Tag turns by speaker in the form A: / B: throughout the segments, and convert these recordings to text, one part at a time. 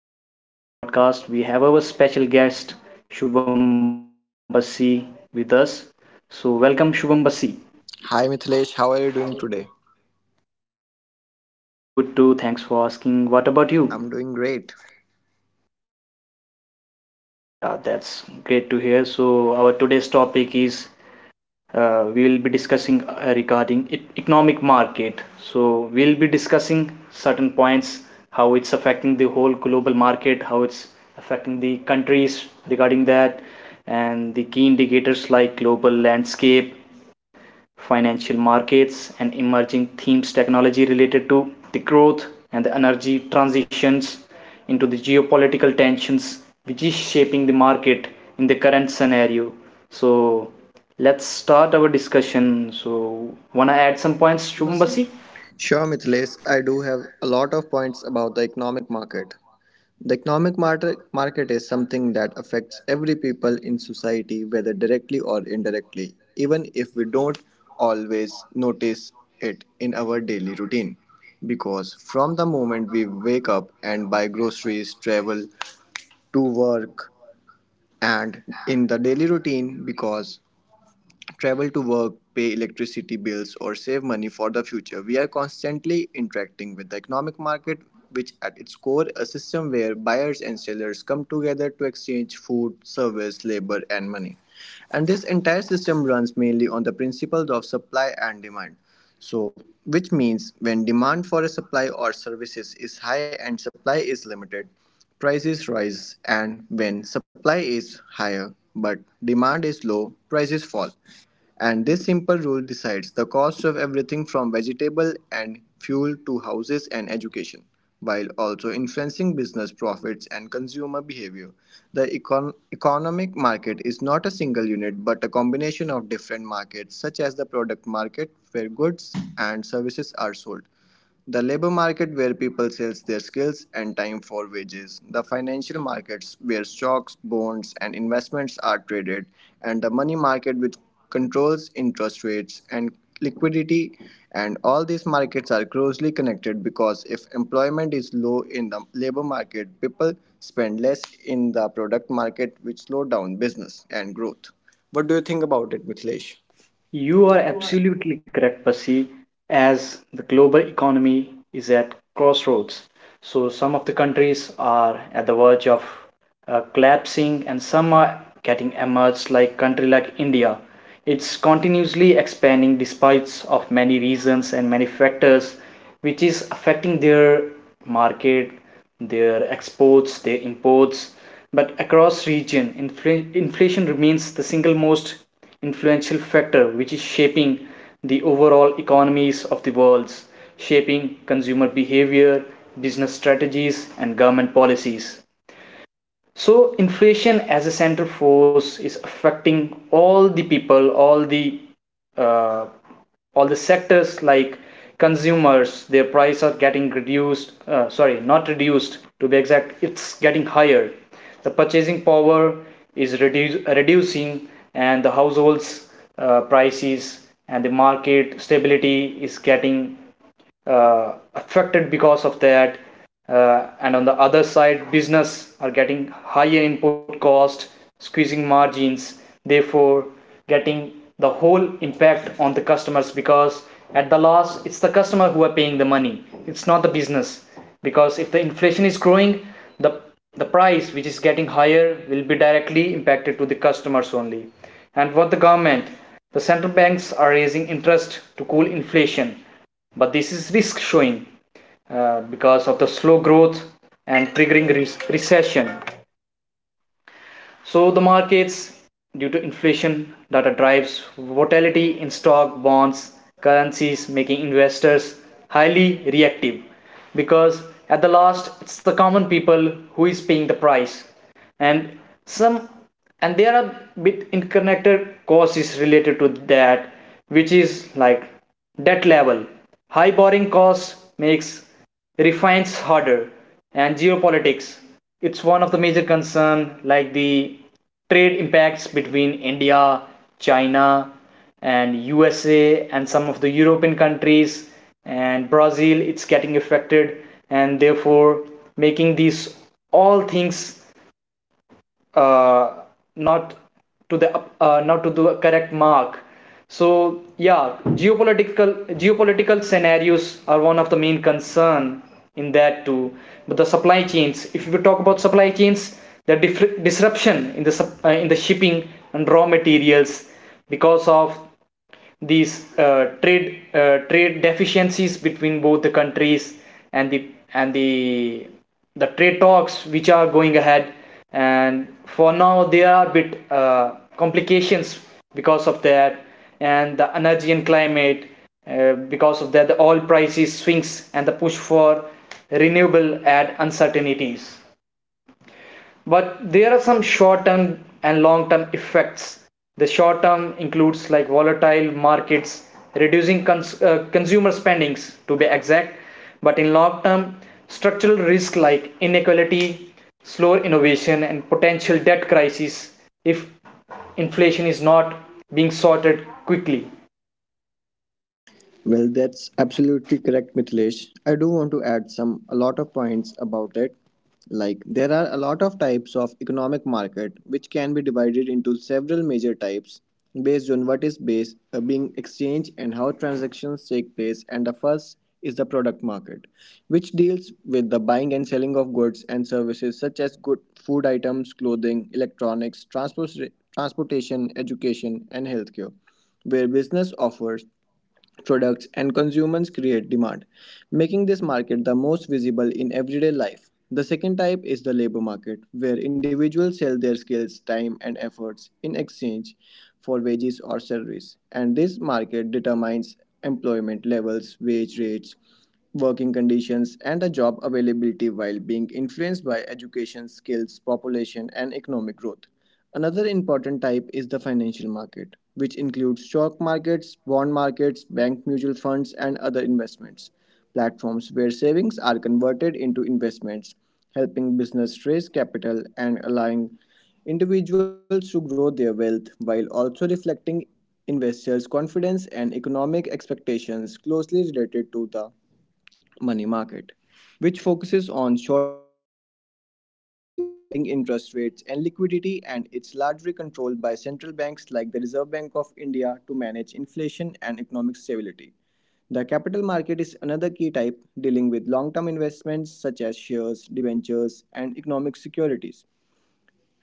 A: We welcome you in our today's podcast. We have our special guest Shubham Basi with us. So, welcome, Shubham Basi.
B: Hi Mithilesh, how are you doing today?
A: I'm good too. Thanks for asking. What about you?
B: I'm doing great.
A: Yeah, that's great to hear. So, our today's topic is we will be discussing regarding economic market, so we'll be discussing certain points how it's affecting the whole global market, how it's affecting the countries regarding that, and the key indicators like global landscape, financial markets, and emerging themes, technology related to the growth and the energy transitions into the geopolitical tensions which is shaping the market in the current scenario. So let's start our discussion. So wanna add some points, Shubham Basi?
B: Sure, Mithilesh, I do have a lot of points about the economic market. The economic market is something that affects every people in society, whether directly or indirectly, even if we don't always notice it in our daily routine. Because from the moment we wake up and buy groceries, travel to work, and in the daily routine, because travel to work, pay electricity bills, or save money for the future. We are constantly interacting with the economic market, which at its core a system where buyers and sellers come together to exchange food, service, labor, and money. And this entire system runs mainly on the principles of supply and demand. So, which means when demand for a supply or services is high and supply is limited, prices rise, and when supply is higher but demand is low, prices fall. And this simple rule decides the cost of everything from vegetable and fuel to houses and education while also influencing business profits and consumer behavior. The economic market is not a single unit but a combination of different markets, such as the product market, where goods and services are sold, the labor market where people sell their skills and time for wages, the financial markets where stocks, bonds and investments are traded, and the money market which controls interest rates and liquidity, and all these markets are closely connected because if employment is low in the labor market, people spend less in the product market which slow down business and growth. What do you think about it, Mithlesh?
A: You are absolutely correct, Basi, as the global economy is at crossroads. So some of the countries are at the verge of collapsing and some are getting emerged like country like India. It's continuously expanding despite of many reasons and many factors which is affecting their market, their exports, their imports. But across region, inflation remains the single most influential factor which is shaping the overall economies of the world, shaping consumer behavior, business strategies, and government policies. So, inflation as a center force is affecting all the people, uh, all the sectors like consumers, their price are getting reduced, sorry, not reduced, to be exact, it's getting higher. The purchasing power is reducing, and the households, prices and the market stability is getting affected because of that. And on the other side, business are getting higher input cost, squeezing margins, therefore getting the whole impact on the customers, because at the last, it's the customer who are paying the money, it's not the business. Because if the inflation is growing, the the price which is getting higher will be directly impacted to the customers only. And what the government, the central banks are raising interest to cool inflation, but this is risk showing because of the slow growth and triggering recession. So the markets, due to inflation, data drives volatility in stock, bonds, currencies, making investors highly reactive. Because at the last, it's the common people who is paying the price, and some, and there are bit interconnected causes related to that, which is like debt level. High borrowing costs makes refines harder, and geopolitics, it's one of the major concern, like the trade impacts between India, China, and USA, and some of the European countries and Brazil, it's getting affected, and therefore making these all things uh, not to the not to the correct mark. So yeah, geopolitical geopolitical scenarios are one of the main concern in that too. But the supply chains, if we talk about supply chains, the disruption in the in the shipping and raw materials because of these trade trade deficiencies between both the countries, and and the the trade talks which are going ahead, and for now there are a bit complications because of that. And the energy and climate, because of that, the oil prices swings and the push for renewable add uncertainties. But there are some short term and long term effects. The short term includes like volatile markets, reducing consumer spendings, to be exact, but in long term, structural risk like inequality, slower innovation, and potential debt crisis if inflation is not being sorted quickly.
B: Well, that's absolutely correct, Mithilesh. I do want to add some a lot of points about it. Like there are a lot of types of economic market which can be divided into several major types based on what is base being exchanged and how transactions take place. And the first is the product market, which deals with the buying and selling of goods and services such as good food items, clothing, electronics, transportation, education, and healthcare, where business offers products and consumers create demand, making this market the most visible in everyday life. The second type is the labor market, where individuals sell their skills, time, and efforts in exchange for wages or salaries. And this market determines employment levels, wage rates, working conditions, and the job availability while being influenced by education, skills, population, and economic growth. Another important type is the financial market, which includes stock markets, bond markets, bank mutual funds, and other investments. Platforms where savings are converted into investments, helping business raise capital and allowing individuals to grow their wealth while also reflecting investors' confidence and economic expectations, closely related to the money market, which focuses on short term borrowings and lending interest rates and liquidity, and it's largely controlled by central banks like the Reserve Bank of India to manage inflation and economic stability. The capital market is another key type dealing with long term investments such as shares, debentures, and economic securities,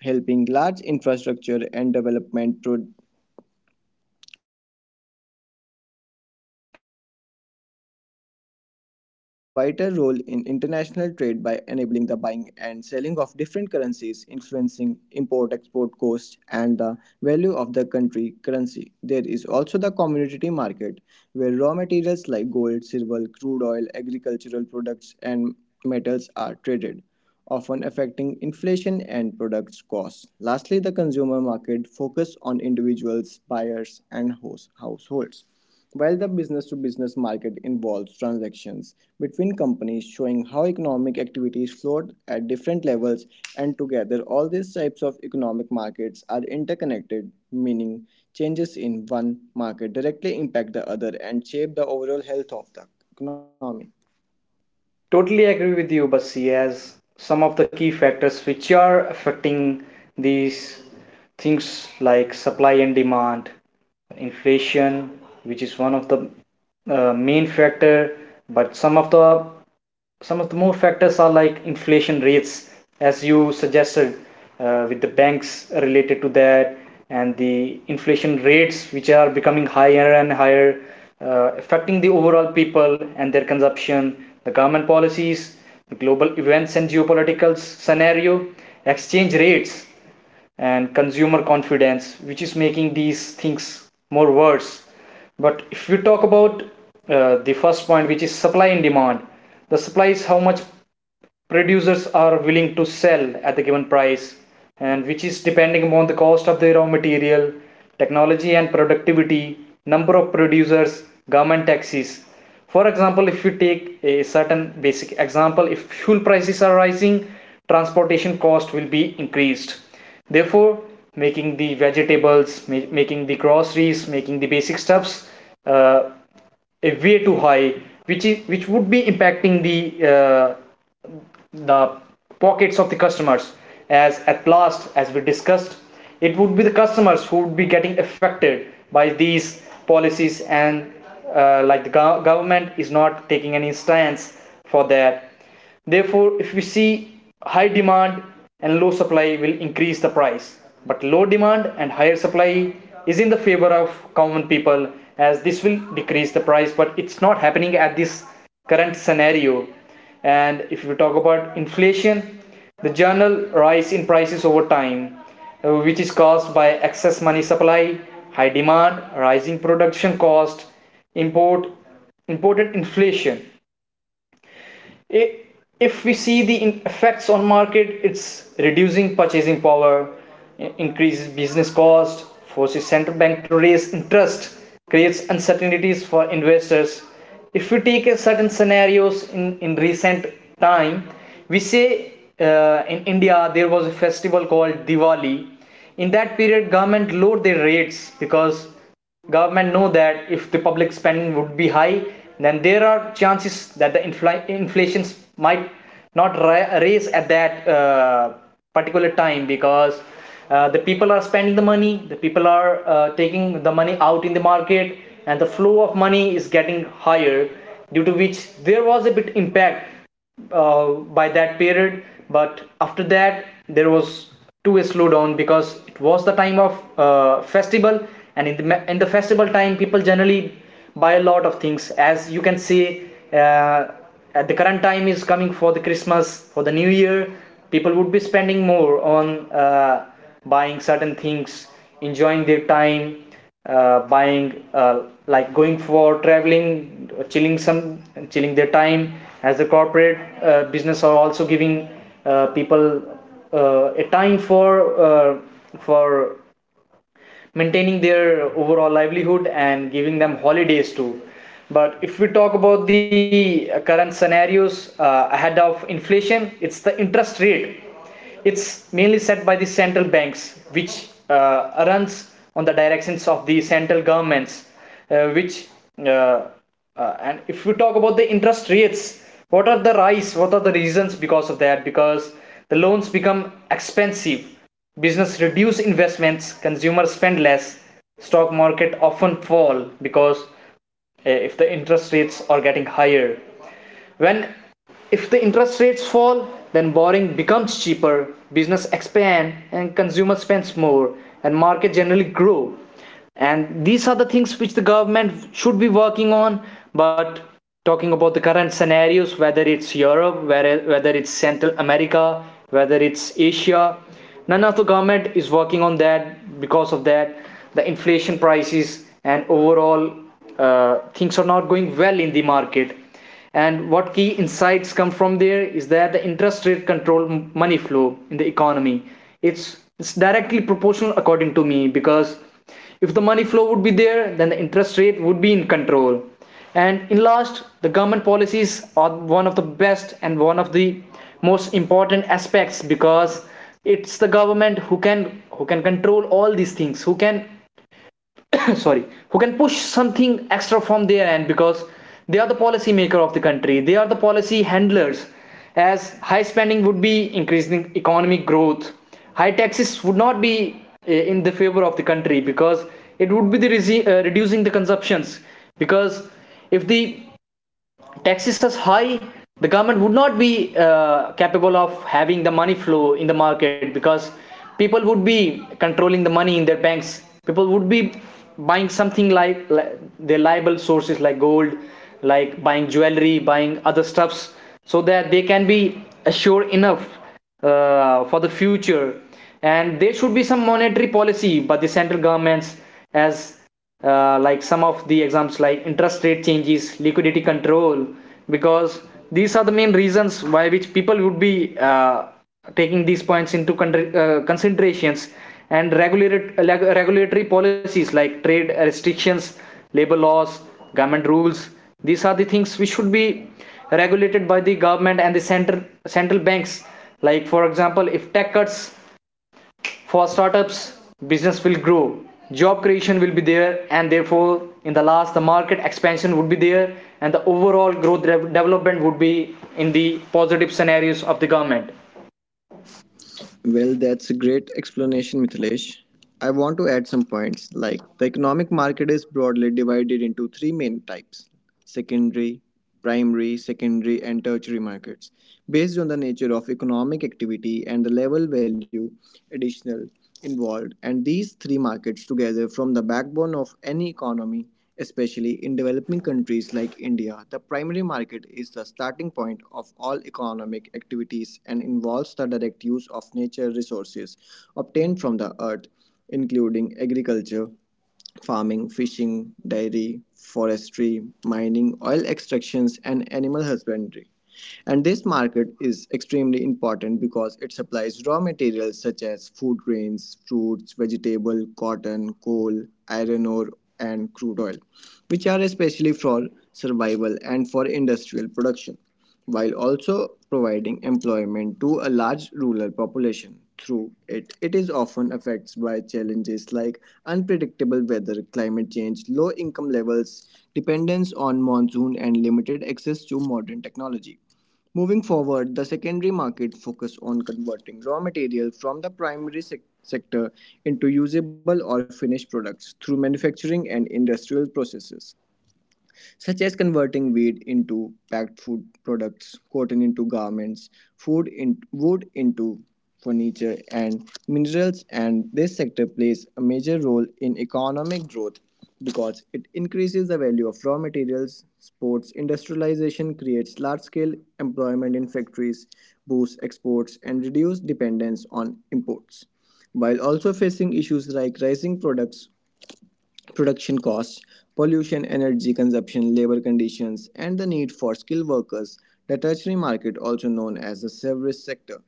B: helping large infrastructure and development projects get funding. The foreign exchange market plays a vital role in international trade by enabling the buying and selling of different currencies, influencing import export costs and the value of the country currency. There is also the commodity market, where raw materials like gold, silver, crude oil, agricultural products, and metals are traded, often affecting inflation and products costs. Lastly, the consumer market focuses on individuals, buyers, and households, while the business to business market involves transactions between companies, showing how economic activities flowed at different levels. And together, all these types of economic markets are interconnected, meaning changes in one market directly impact the other and shape the overall health of the economy.
A: Totally agree with you, Basi, as some of the key factors which are affecting these things, like supply and demand, inflation, which is one of the main factor, but some of the, more factors are like inflation rates, as you suggested, with the banks related to that, and the inflation rates which are becoming higher and higher, affecting the overall people and their consumption, the government policies, the global events and geopolitical scenario, exchange rates, and consumer confidence, which is making these things more worse. But if we talk about the first point, which is supply and demand, the supply is how much producers are willing to sell at the given price, and which is depending upon the cost of the raw material, technology and productivity, number of producers, government taxes. For example, if you take a certain basic example, if fuel prices are rising, transportation cost will be increased, therefore making the vegetables, making the groceries, making the basic stuffs uh, a way too high, which is, which would be impacting uh, the pockets of the customers, as at last, as we discussed, it would be the customers who would be getting affected by these policies. And like the government is not taking any stance for that. Therefore, if we see, high demand and low supply will increase the price, but low demand and higher supply is in the favor of common people, as this will decrease the price, but it's not happening at this current scenario. And if we talk about inflation, the general rise in prices over time, which is caused by excess money supply, high demand, rising production cost, import imported inflation. If we see the effects on market, it's reducing purchasing power, increases business cost, forces central bank to raise interest, creates uncertainties for investors. If we take a certain scenarios in recent time, we say, in India there was a festival called Diwali. In that period, government lowered their rates because government know that if the public spending would be high, then there are chances that the inflation might not raise at that particular time, because the people are spending the money, the people are taking the money out in the market, and the flow of money is getting higher, due to which there was a bit impact uh, by that period. But after that, there was too a slowdown, because it was the time of festival, and in the, festival time, people generally buy a lot of things. As you can see, uh, at the current time is coming for the Christmas, for the new year, people would be spending more on uh, buying certain things, enjoying their time, buying, like going for traveling, chilling some, chilling their time. As a corporate, business are also giving people a time for uh, for maintaining their overall livelihood and giving them holidays too. But if we talk about the current scenarios ahead of inflation, it's the interest rate. It's mainly set by the central banks, which runs on the directions of the central governments, which uh, and if we talk about the interest rates, what are the rise? What are the reasons because of that? Because the loans become expensive, business reduce investments, consumers spend less, stock market often fall, because if the interest rates are getting higher, when, if the interest rates fall, then borrowing becomes cheaper, business expand, and consumer spends more, and market generally grow. And these are the things which the government should be working on, but talking about the current scenarios, whether it's Europe, whether it's Central America, whether it's Asia, none of the government is working on that. Because of that, the inflation prices and overall things are not going well in the market. And what key insights come from there is that the interest rate control money flow in the economy. It's directly proportional, according to me, because if the money flow would be there, then the interest rate would be in control. And in last, the government policies are one of the best and one of the most important aspects, because it's the government who can control all these things, who can sorry, who can push something extra from their end, because they are the policy maker of the country, they are the policy handlers. As high spending would be increasing economic growth, high taxes would not be in the favor of the country, because it would be the reducing the consumptions, because if the taxes as high, the government would not be capable of having the money flow in the market, because people would be controlling the money in their banks. People would be buying something like their liable sources like gold, like buying jewelry, buying other stuffs, so that they can be assured enough for the future. And there should be some monetary policy by the central governments, as like some of the examples like interest rate changes, liquidity control, because these are the main reasons why which people would be taking these points into considerations, and regulatory policies like trade restrictions, labor laws, government rules. These are the things which should be regulated by the government and the center central banks. Like, for example, if tax cuts for startups, business will grow, job creation will be there, and therefore, in the last, the market expansion would be there, and the overall growth development would be in the positive scenarios of the government.
B: Well, that's a great explanation, Mithilesh. I want to add some points like the economic market is broadly divided into three main types: secondary, primary, secondary, and tertiary markets. Based on the nature of economic activity and the level value additional involved, and these three markets together form the backbone of any economy. Especially in developing countries like India, the primary market is the starting point of all economic activities and involves the direct use of nature resources obtained from the earth, including agriculture, farming, fishing, dairy, forestry, mining, oil extractions, and animal husbandry. And this market is extremely important because it supplies raw materials such as food grains, fruits, vegetable, cotton, coal, iron ore, and crude oil, which are especially for survival and for industrial production, while also providing employment to a large rural population through it. It is often affected by challenges like unpredictable weather, climate change, low income levels, dependence on monsoon, and limited access to modern technology. Moving forward, the secondary market focus on converting raw material from the primary sector into usable or finished products through manufacturing and industrial processes such as converting wheat into packed food products, cotton into garments, wood into furniture, and minerals. And this sector plays a major role in economic growth because it increases the value of raw materials. Sports industrialization creates large scale employment in factories, boosts exports, and reduces dependence on imports, while also facing issues like rising products production costs, pollution, energy consumption, labor conditions, and the need for skilled workers. The tertiary market, also known as the service sector,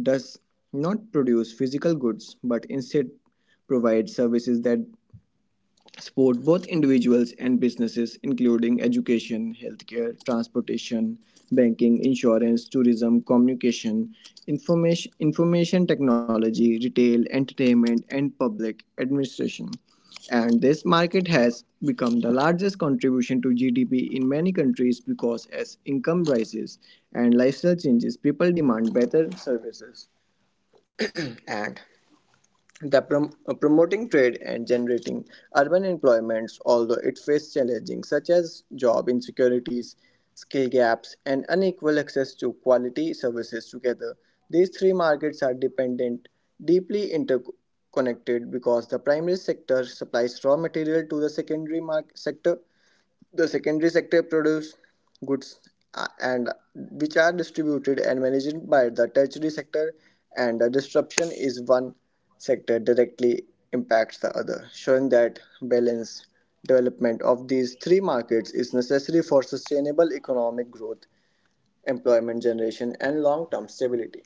B: does not produce physical goods but instead provides services that support both individuals and businesses, including education, healthcare, transportation, banking, insurance, tourism, communication, information technology, retail, entertainment, and public administration. And this market has become the largest contribution to GDP in many countries because as income rises and lifestyle changes, people demand better services. And the promoting trade and generating urban employments, although it faced challenges such as job insecurities, skill gaps, and unequal access to quality services together. These three markets are deeply interconnected because the primary sector supplies raw material to the secondary market sector, the secondary sector produces goods, and which are distributed and managed by the tertiary sector, and the disruption is one sector directly impacts the other, showing that balanced development of these three markets is necessary for sustainable economic growth, employment generation, and long term stability.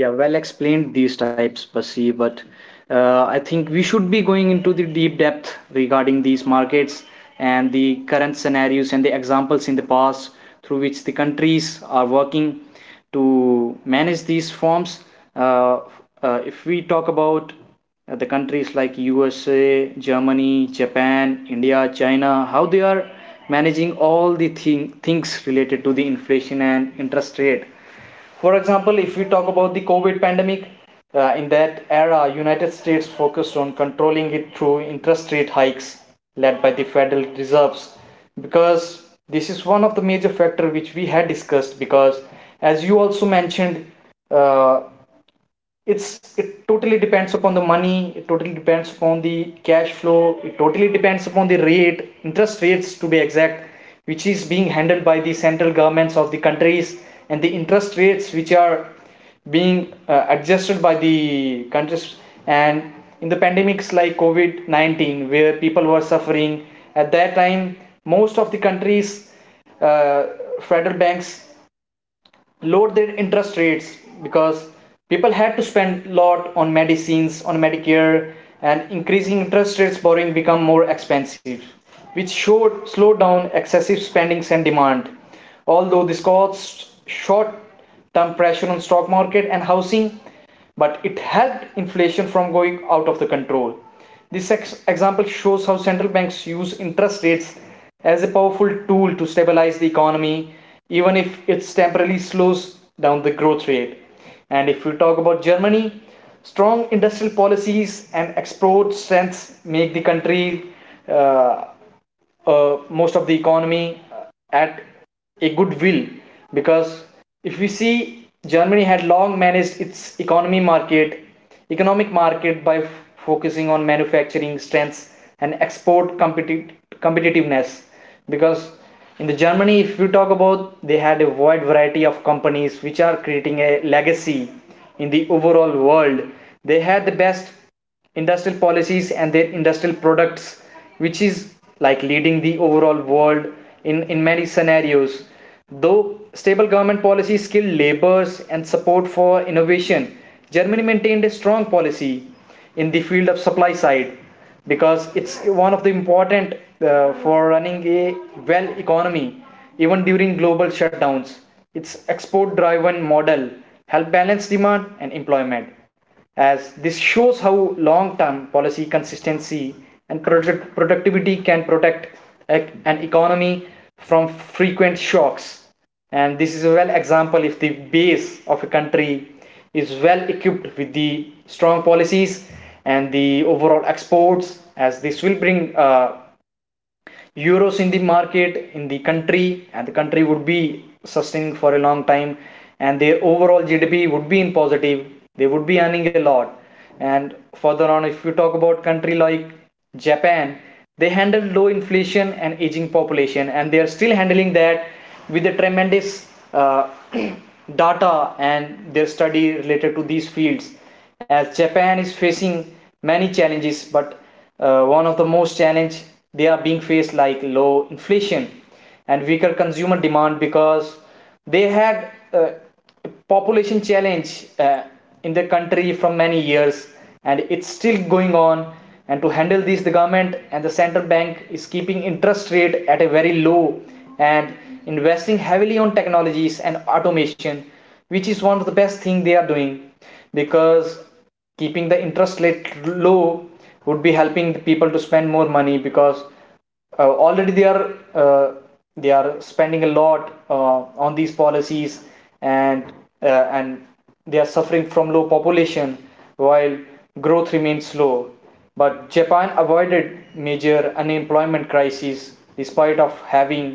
A: Yeah, well explained these types, Basi, but I think we should be going into the deep depth regarding these markets and the current scenarios and the examples in the past through which the countries are working to manage these forms. Uh, if we talk about the countries like USA, Germany, Japan, India, China, how they are managing all the things related to the inflation and interest rate. For example, if we talk about the COVID pandemic, in that era, United States focused on controlling it through interest rate hikes led by the Federal Reserves, because this is one of the major factors which we had discussed. Because as you also mentioned, uh, it's it totally depends upon the money, it totally depends upon the cash flow, it totally depends upon the rate interest rates to be exact, which is being handled by the central governments of the countries. And the interest rates which are being adjusted by the countries, and in the pandemics like covid-19, where people were suffering at that time, most of the countries, uh, federal banks, lowered their interest rates, because people had to spend a lot on medicines, on medicare. And increasing interest rates, borrowing become more expensive, which showed slowed down excessive spendings and demand. Although this caused short term pressure on stock market and housing, but it helped inflation from going out of the control. This example shows how central banks use interest rates as a powerful tool to stabilize the economy, even if it temporarily slows down the growth rate. And if we talk about Germany, strong industrial policies and export strengths make the country, uh, most of the economy, at a good will, because if we see, germany had long managed its economy market economic market by focusing on manufacturing strengths and competitiveness, because in the germany, if we talk about, they had a wide variety of companies which are creating a legacy in the overall world. They had the best industrial policies and their industrial products which is like leading the overall world in many scenarios. Though stable government policy, skilled labors, and support for innovation, germany maintained a strong policy in the field of supply side, because it's one of the important for running a well economy. Even during global shutdowns, its export driven model helped balance demand and employment, as this shows how long-term policy consistency and product productivity can protect an economy from frequent shocks. And this is a well example if the base of a country is well equipped with the strong policies and the overall exports, as this will bring euros in the market, in the country, and the country would be sustaining for a long time, and their overall gdp would be in positive. They would be earning a lot. And further on, if you talk about country like japan, they handle low inflation and aging population, and they are still handling that with a tremendous uh, data and their study related to these fields. As Japan is facing many challenges, but one of the most challenge they are being faced like low inflation and weaker consumer demand, because they had population challenge in the country from many years, and it's still going on. And to handle this, the government and the central bank is keeping interest rate at a very low, and investing heavily on technologies and automation, which is one of the best thing they are doing. Because keeping the interest rate low would be helping the people to spend more money, because already uh, they are spending a lot on these policies, and uh, and they are suffering from low population, while growth remains slow, but japan avoided major unemployment crises despite of having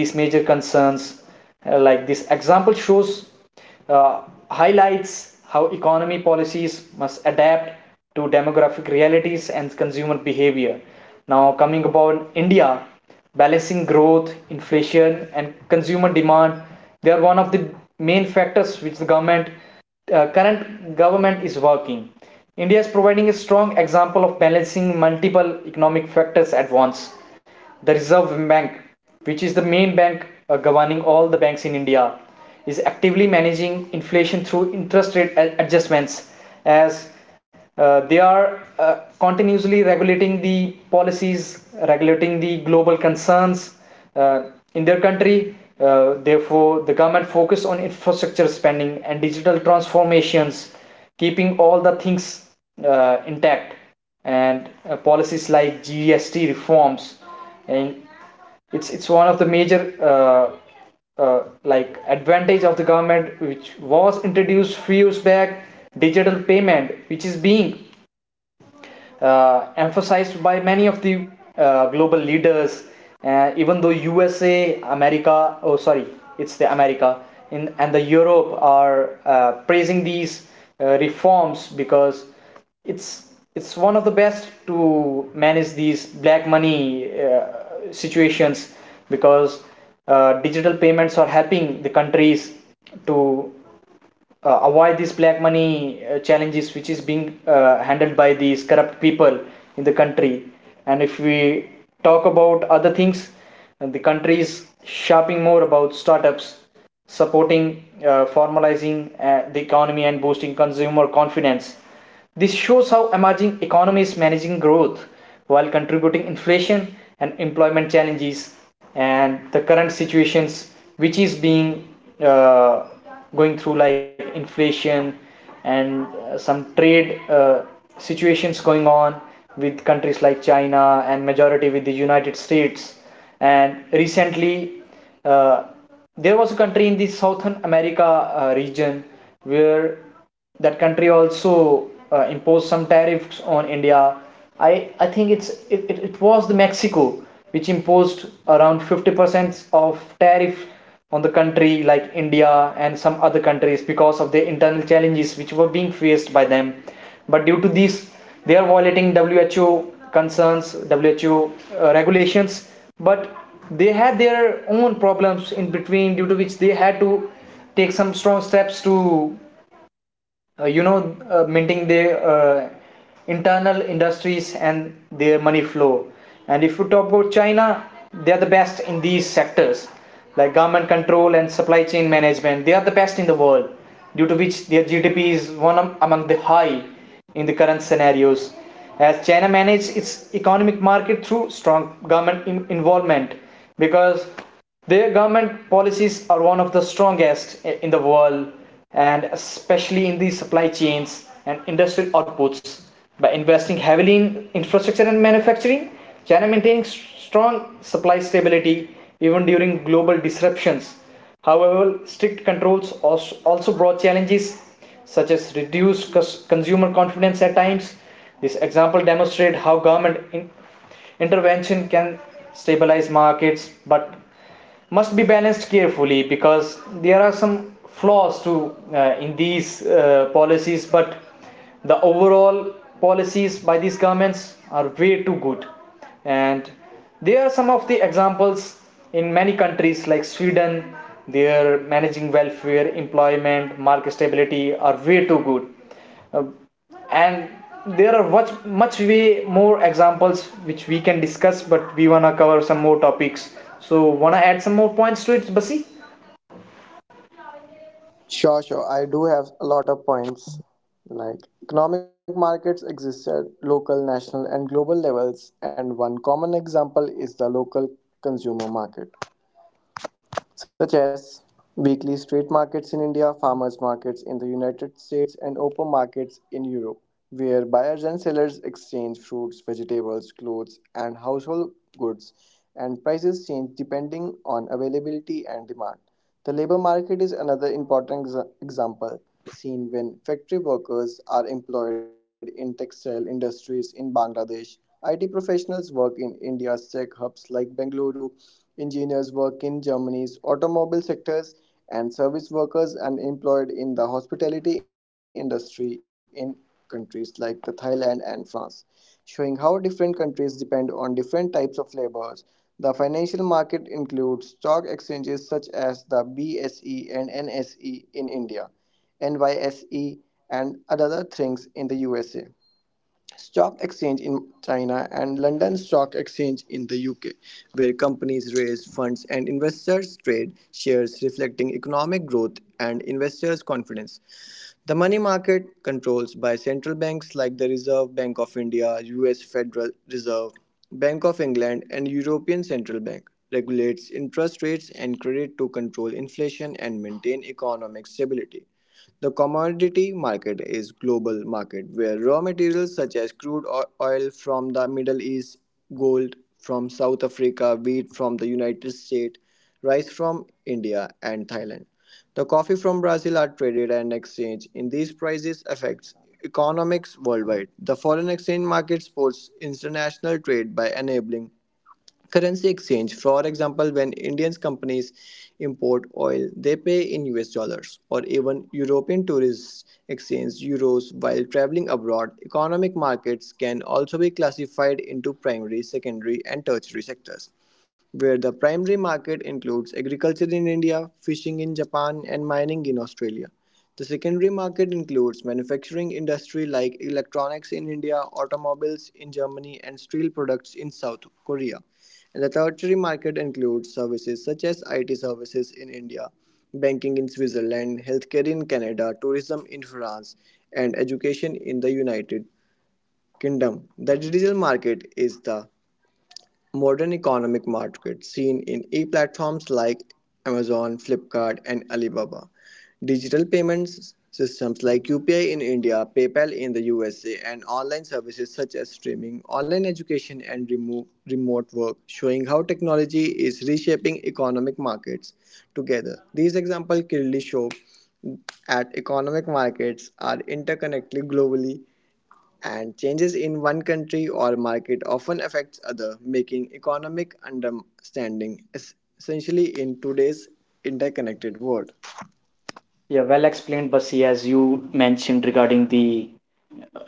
A: these major concerns. Like this example shows, uh, highlights how economy policies must adapt to demographic realities and consumer behavior. Now, coming about India, balancing growth, inflation, and consumer demand, they are one of the main factors which the government, current government is working. India is providing a strong example of balancing multiple economic factors at once. The Reserve Bank, which is the main bank governing all the banks in India, is actively managing inflation through interest rate adjustments, as they are continuously regulating the policies, regulating the global concerns uh, in their country. Therefore, the government focus on infrastructure spending and digital transformations, keeping all the things intact, and policies like GST reforms, and it's one of the major uh, like advantage of the government which was introduced few years back. Digital payment which is being emphasized by many of the global leaders. Even though USA, America, oh sorry, it's the America, and the Europe are praising these reforms, because it's it's one of the best to manage these black money situations, because digital payments are helping the countries to avoid this black money challenges which is being handled by these corrupt people in the country. And if we talk about other things, the country is shaping more about startups, supporting formalizing the economy, and boosting consumer confidence. This shows how emerging economies is managing growth while contributing inflation and employment challenges, and the current situations which is being uh, going through like inflation and some trade situations going on with countries like China, and majority with the United States. And recently, uh, there was a country in the southern america region, where that country also imposed some tariffs on India. I think it was the Mexico which imposed around 50% of tariff on the country like India and some other countries, because of the internal challenges which were being faced by them. But due to this, they are violating WHO concerns, WHO regulations. But they had their own problems in between, due to which they had to take some strong steps to uh, you know minting their internal industries and their money flow. And if you talk about china, they are the best in these sectors, like government control and supply chain management. They are the best in the world, due to which their gdp is one among the high in the current scenarios, as china manages its economic market through strong government involvement, because their government policies are one of the strongest in the world, and especially in the supply chains and industrial outputs. By investing heavily in infrastructure and manufacturing, China maintaining strong supply stability even during global disruptions. However, strict controls also brought challenges such as reduced consumer confidence at times. This example demonstrates how government intervention can stabilize markets, but must be balanced carefully, because there are some flaws to in these policies, but the overall policies by these governments are way too good. And there are some of the examples in many countries like sweden, their managing welfare, employment, market stability are way too good. Uh, and there are much much way more examples which we can discuss, but we wanna cover some more topics, so wanna add some more points to it, basi.
B: Sure. I do have a lot of points. Like, economic markets exist at local, national, and global levels, and one common example is the local consumer market, such as weekly street markets in India, farmers' markets in the United States, and open markets in Europe, where buyers and sellers exchange fruits, vegetables, clothes, and household goods, and prices change depending on availability and demand. The labor market is another important example, seen when factory workers are employed in textile industries in Bangladesh. IT professionals work in India's tech hubs like Bengaluru, engineers work in Germany's automobile sectors, and service workers are employed in the hospitality industry in countries like the Thailand and France, showing how different countries depend on different types of labors. The financial market includes stock exchanges such as the BSE and NSE in India, NYSE and other things in the USA. Stock exchange in China and London Stock Exchange in the UK, where companies raise funds and investors trade shares reflecting economic growth and investors' confidence. The money market, controlled by central banks like the Reserve Bank of India, US Federal Reserve, Bank of England, and European Central Bank, regulates interest rates and credit to control inflation and maintain economic stability. The commodity market is global market where raw materials such as oil from the Middle East, gold from South Africa, wheat from the United States, rice from India and Thailand. The coffee from Brazil are traded and exchanged. In these, prices affects economics worldwide. The foreign exchange market supports international trade by enabling currency exchange. For example, when Indian companies import oil, they pay in US dollars, or even European tourists exchange euros while traveling abroad. Economic markets can also be classified into primary, secondary, and tertiary sectors, where the primary market includes agriculture in India, fishing in Japan, and mining in Australia. The secondary market includes manufacturing industry like electronics in India, automobiles in Germany, and steel products in South Korea. And the tertiary market includes services such as IT services in India, banking in Switzerland, healthcare in Canada, tourism in France, and education in the United Kingdom. The digital market is the modern economic markets seen in e-platforms like Amazon, Flipkart, and Alibaba. Digital payments systems like UPI in India, PayPal in the USA, and online services such as streaming, online education, and remote work, showing how technology is reshaping economic markets together. These examples clearly show at economic markets are interconnected globally and changes in one country or market often affects other, making economic understanding essentially in today's interconnected world.
A: Yeah, well explained, Basi, as you mentioned regarding the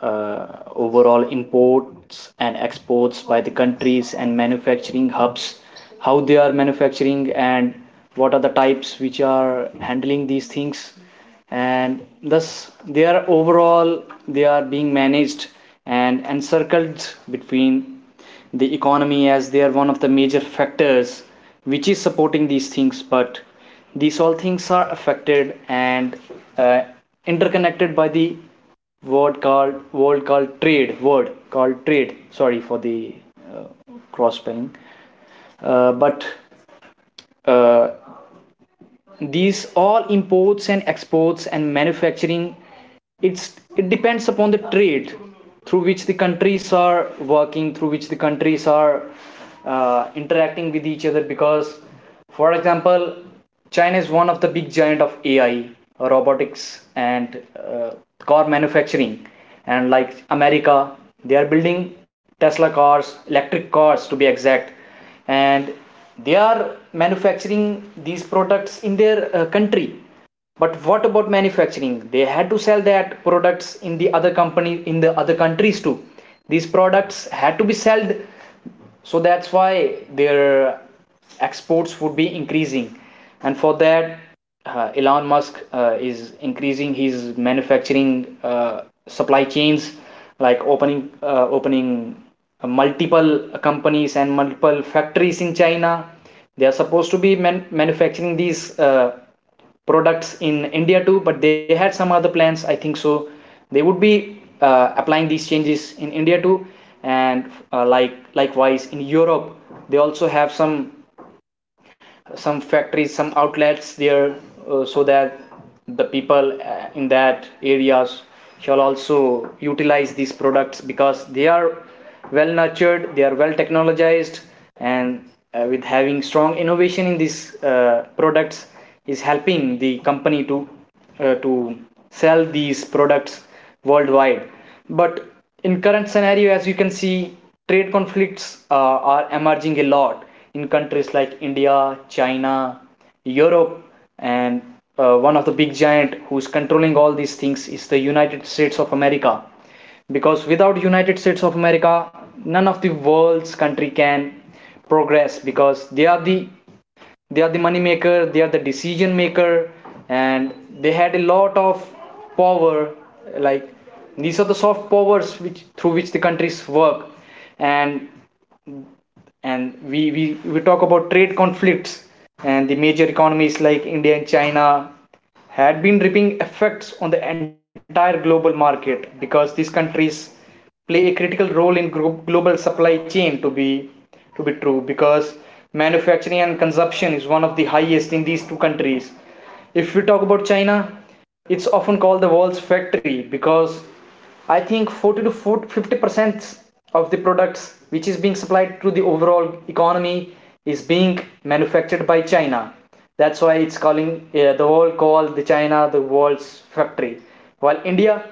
A: uh, overall imports and exports by the countries and manufacturing hubs, how they are manufacturing and what are the types which are handling these things, and thus they are overall, they are being managed and encircled between the economy, as they are one of the major factors which is supporting these things. But these all things are affected and uh, interconnected by the word called trade word called trade, sorry for the uh, cross spelling, but uh, these all imports and exports and manufacturing, it's it depends upon the trade through which the countries are working, through which the countries are interacting with each other. Because for example, china is one of the big giant of ai, robotics, and car manufacturing, and like america, they are building tesla cars, electric cars to be exact, and they are manufacturing these products in their country. But what about manufacturing, they had to sell that products in the other company, in the other countries too. These products had to be sold, so that's why their exports would be increasing. And for that, elon musk is increasing his manufacturing uh, supply chains, like opening multiple companies and multiple factories in china. They are supposed to be manufacturing these products in india too, but they had some other plans I think so. They would be applying these changes in India too. And like likewise in Europe, they also have some factories, some outlets there, so that the people in that areas shall also utilize these products because they are well nurtured, they are well technologized, and with having strong innovation in these products is helping the company to to sell these products worldwide. But in current scenario, as you can see, trade conflicts are emerging a lot in countries like India, China, Europe, and one of the big giant who's controlling all these things is the United States of America. Because without United States of America, none of the world's country can progress because they are the money maker, they are the decision maker. And they had a lot of power, like these are the soft powers which through which the countries work. And and we, we talk about trade conflicts, and the major economies like India and China had been reaping effects on the entire global market because these countries play a critical role in global supply chain, to be true, because manufacturing and consumption is one of the highest in these two countries. If we talk about China, it's often called the world's factory because I think 40 to 50% of the products which is being supplied to the overall economy is being manufactured by China. That's why it's calling, the world call the China the world's factory. While India,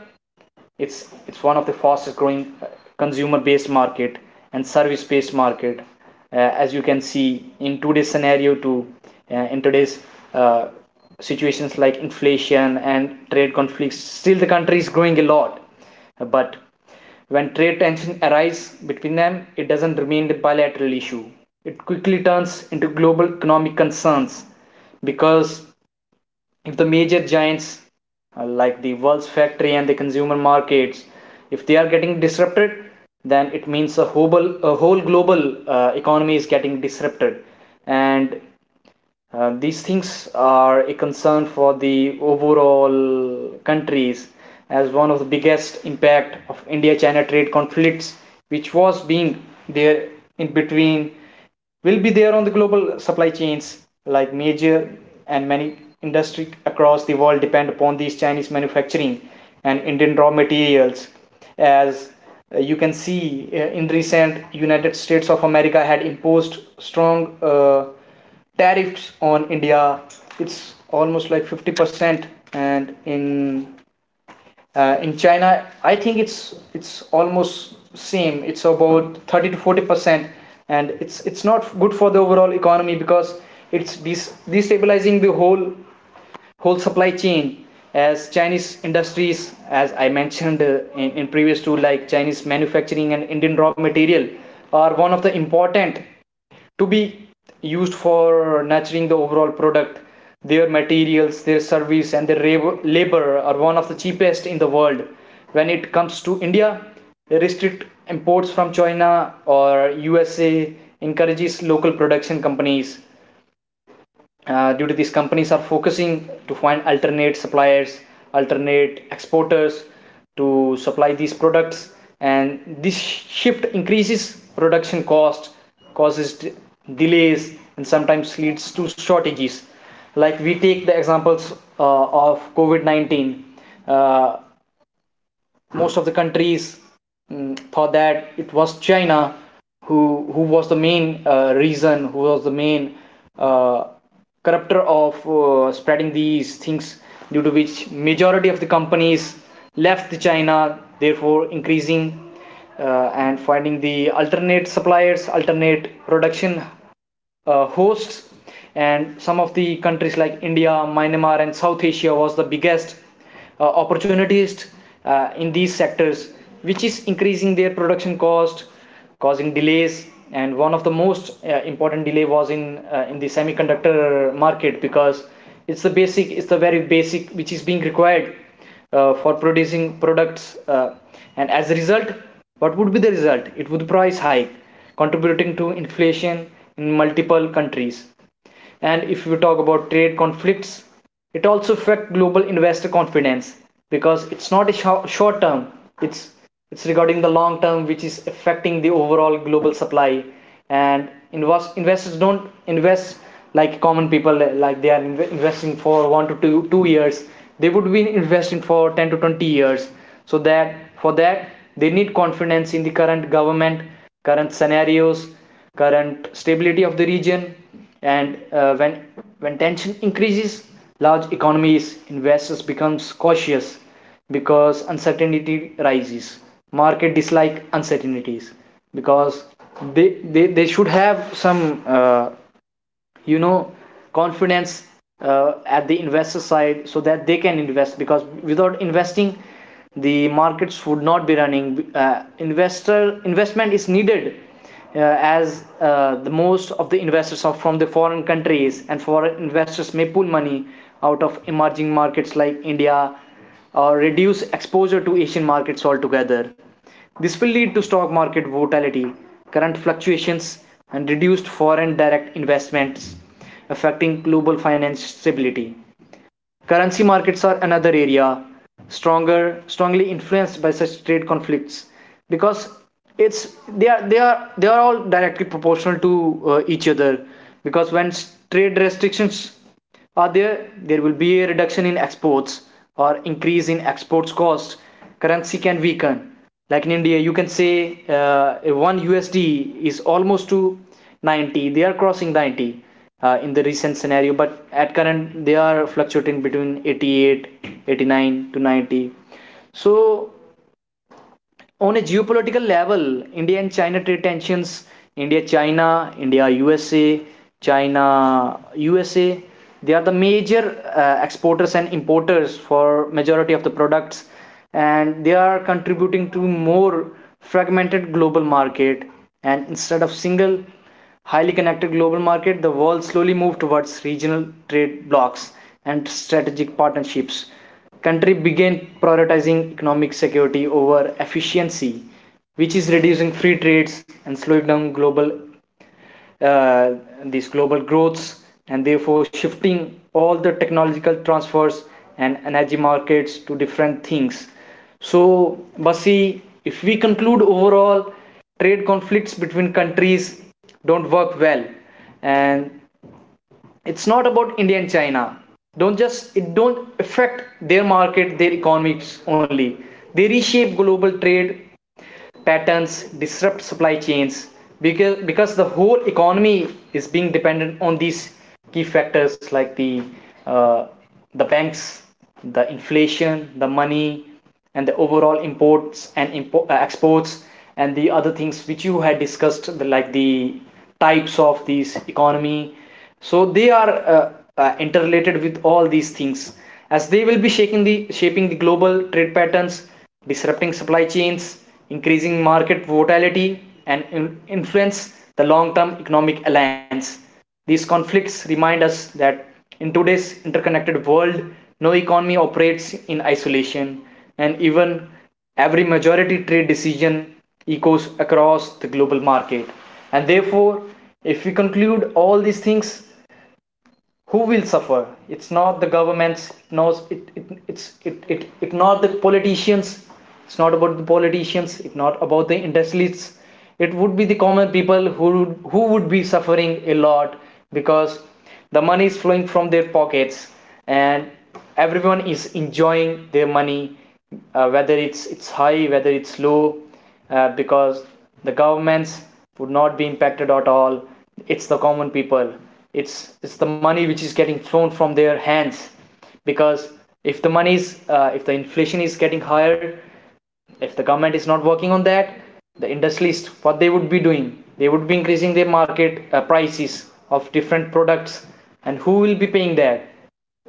A: it's one of the fastest growing consumer-based market and service-based market. Uh, as you can see in today's scenario, too, in today's uh, situations like inflation and trade conflicts, still the country is growing a lot. But when trade tension arises between them, it doesn't remain a bilateral issue. It quickly turns into global economic concerns because if the major giants, like the world's factory and the consumer markets, if they are getting disrupted, then it means a whole global economy is getting disrupted. And these things are a concern for the overall countries, as one of the biggest impact of India-China trade conflicts, which was being there in between, will be there on the global supply chains. Like major and many industry across the world depend upon these Chinese manufacturing and Indian raw materials, as you can see in recent United States of America had imposed strong. Tariffs on India. It's almost like 50%, and in China, I think it's almost same. It's about 30 to 40%, and it's not good for the overall economy because it's destabilizing the whole supply chain as Chinese industries, as I mentioned in previous two, like Chinese manufacturing and Indian raw material, are one of the important to be used for nurturing the overall product. Their materials, their service, and their labor are one of the cheapest in the world. When it comes to India, restrict imports from China or USA, encourages local production companies. Due to these companies are focusing to find alternate suppliers, alternate exporters to supply these products. And this shift increases production cost, causes delays, and sometimes leads to shortages. Like we take the examples of covid-19. uh, most of the countries, mm, thought that it was China who was the main reason, who was the main uh, corruptor of spreading these things, due to which majority of the companies left the China, therefore increasing and finding the alternate suppliers, alternate production hosts. And some of the countries like India, Myanmar, and South Asia was the biggest opportunities in these sectors, which is increasing their production cost, causing delays. And one of the most important delay was in the semiconductor market because it's the basic, it's the very basic which is being required for producing products. And as a result, what would be the result, it would price hike, contributing to inflation in multiple countries. And if we talk about trade conflicts, it also affects global investor confidence because it's not a sh short term, it's it's regarding the long term, which is affecting the overall global supply. And investors don't invest like common people, like they are investing for one to 2 years. They would be investing for 10 to 20 years. So that for that, they need confidence in the current government, current scenarios, current stability of the region, and when tension increases, large economies investors becomes cautious because uncertainty rises, market dislike uncertainties. Because they should have some you know confidence at the investor side so that they can invest. Because without investing, the markets would not be running. Investor investment is needed, as the most of the investors are from the foreign countries. And foreign investors may pull money out of emerging markets like India or reduce exposure to Asian markets altogether. This will lead to stock market volatility, current fluctuations, and reduced foreign direct investments, affecting global finance stability. Currency markets are another area strongly influenced by such trade conflicts because it's they are all directly proportional to each other. Because when trade restrictions are there, there will be a reduction in exports or increase in exports cost, currency can weaken. Like in India, you can say 1 USD is almost to 90, they are crossing 90 in the recent scenario, but at current they are fluctuating between 88 89 to 90. So on a geopolitical level, India and China trade tensions, India China, India USA, China USA, they are the major exporters and importers for majority of the products. And they are contributing to more fragmented global market. And instead of single highly connected global market, the world slowly moved towards regional trade blocs and strategic partnerships. Country began prioritizing economic security over efficiency, which is reducing free trades and slowing down global uh, these global growths and therefore shifting all the technological transfers and energy markets to different things. So, Basi, if we conclude overall, trade conflicts between countries don't work well, and it's not about India and China. Don't just it don't affect their market, their economics only. They reshape global trade patterns, disrupt supply chains because the whole economy is being dependent on these key factors like uh, the banks, the inflation, the money, and the overall imports and exports, and the other things which you had discussed, like the types of these economy. So they are uh, interrelated with all these things as they will be shaking the shaping the global trade patterns, disrupting supply chains, increasing market volatility, and influence the long-term economic alliance. These conflicts remind us that in today's interconnected world, no economy operates in isolation, and even every majority trade decision echoes across the global market. And therefore, if we conclude all these things, who will suffer, it's not the governments knows it, it it's it, it it not the politicians. It's not about the politicians, it's not about the industrialists. It would be the common people who would be suffering a lot because the money is flowing from their pockets, and everyone is enjoying their money, whether it's high, whether it's low, because the governments would not be impacted at all. It's the common people. It's it's the money which is getting thrown from their hands, because if the money is if the inflation is getting higher, if the government is not working on that, the industrialists, what they would be doing, they would be increasing their market prices of different products. And who will be paying that?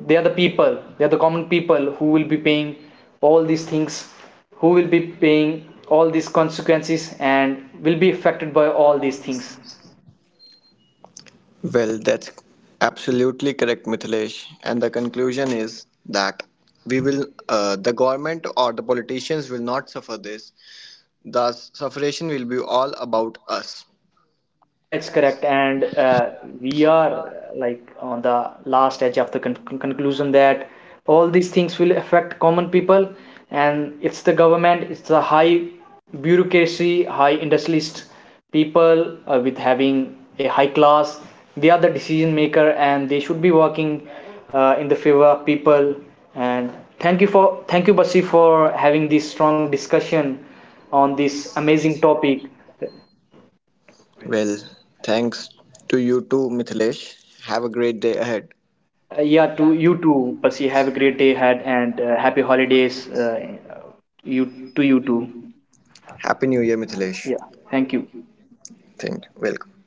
A: They are the people, they are the common people who will be paying all these things, who will be paying all these consequences and will be affected by all these things.
B: Well, that's absolutely correct, Mithilesh, and the conclusion is that we will the government or the politicians will not suffer this. The sufferation will be all about us.
A: Yeah, it's correct. And we are like on the last edge of the conclusion that all these things will affect common people, and it's the government, it's the high bureaucracy, high industrialist people with having a high class. They are the decision maker, and they should be working in the favor of people. And thank you, Basi, for having this strong discussion on this amazing topic.
B: Well, thanks to you too, Mithilesh. Have a great day ahead.
A: Yeah, to you too, Percy. Have a great day ahead, and happy holidays. You to you too.
B: Happy new year, Mithilesh.
A: Yeah, thank you.
B: Thank you. Welcome.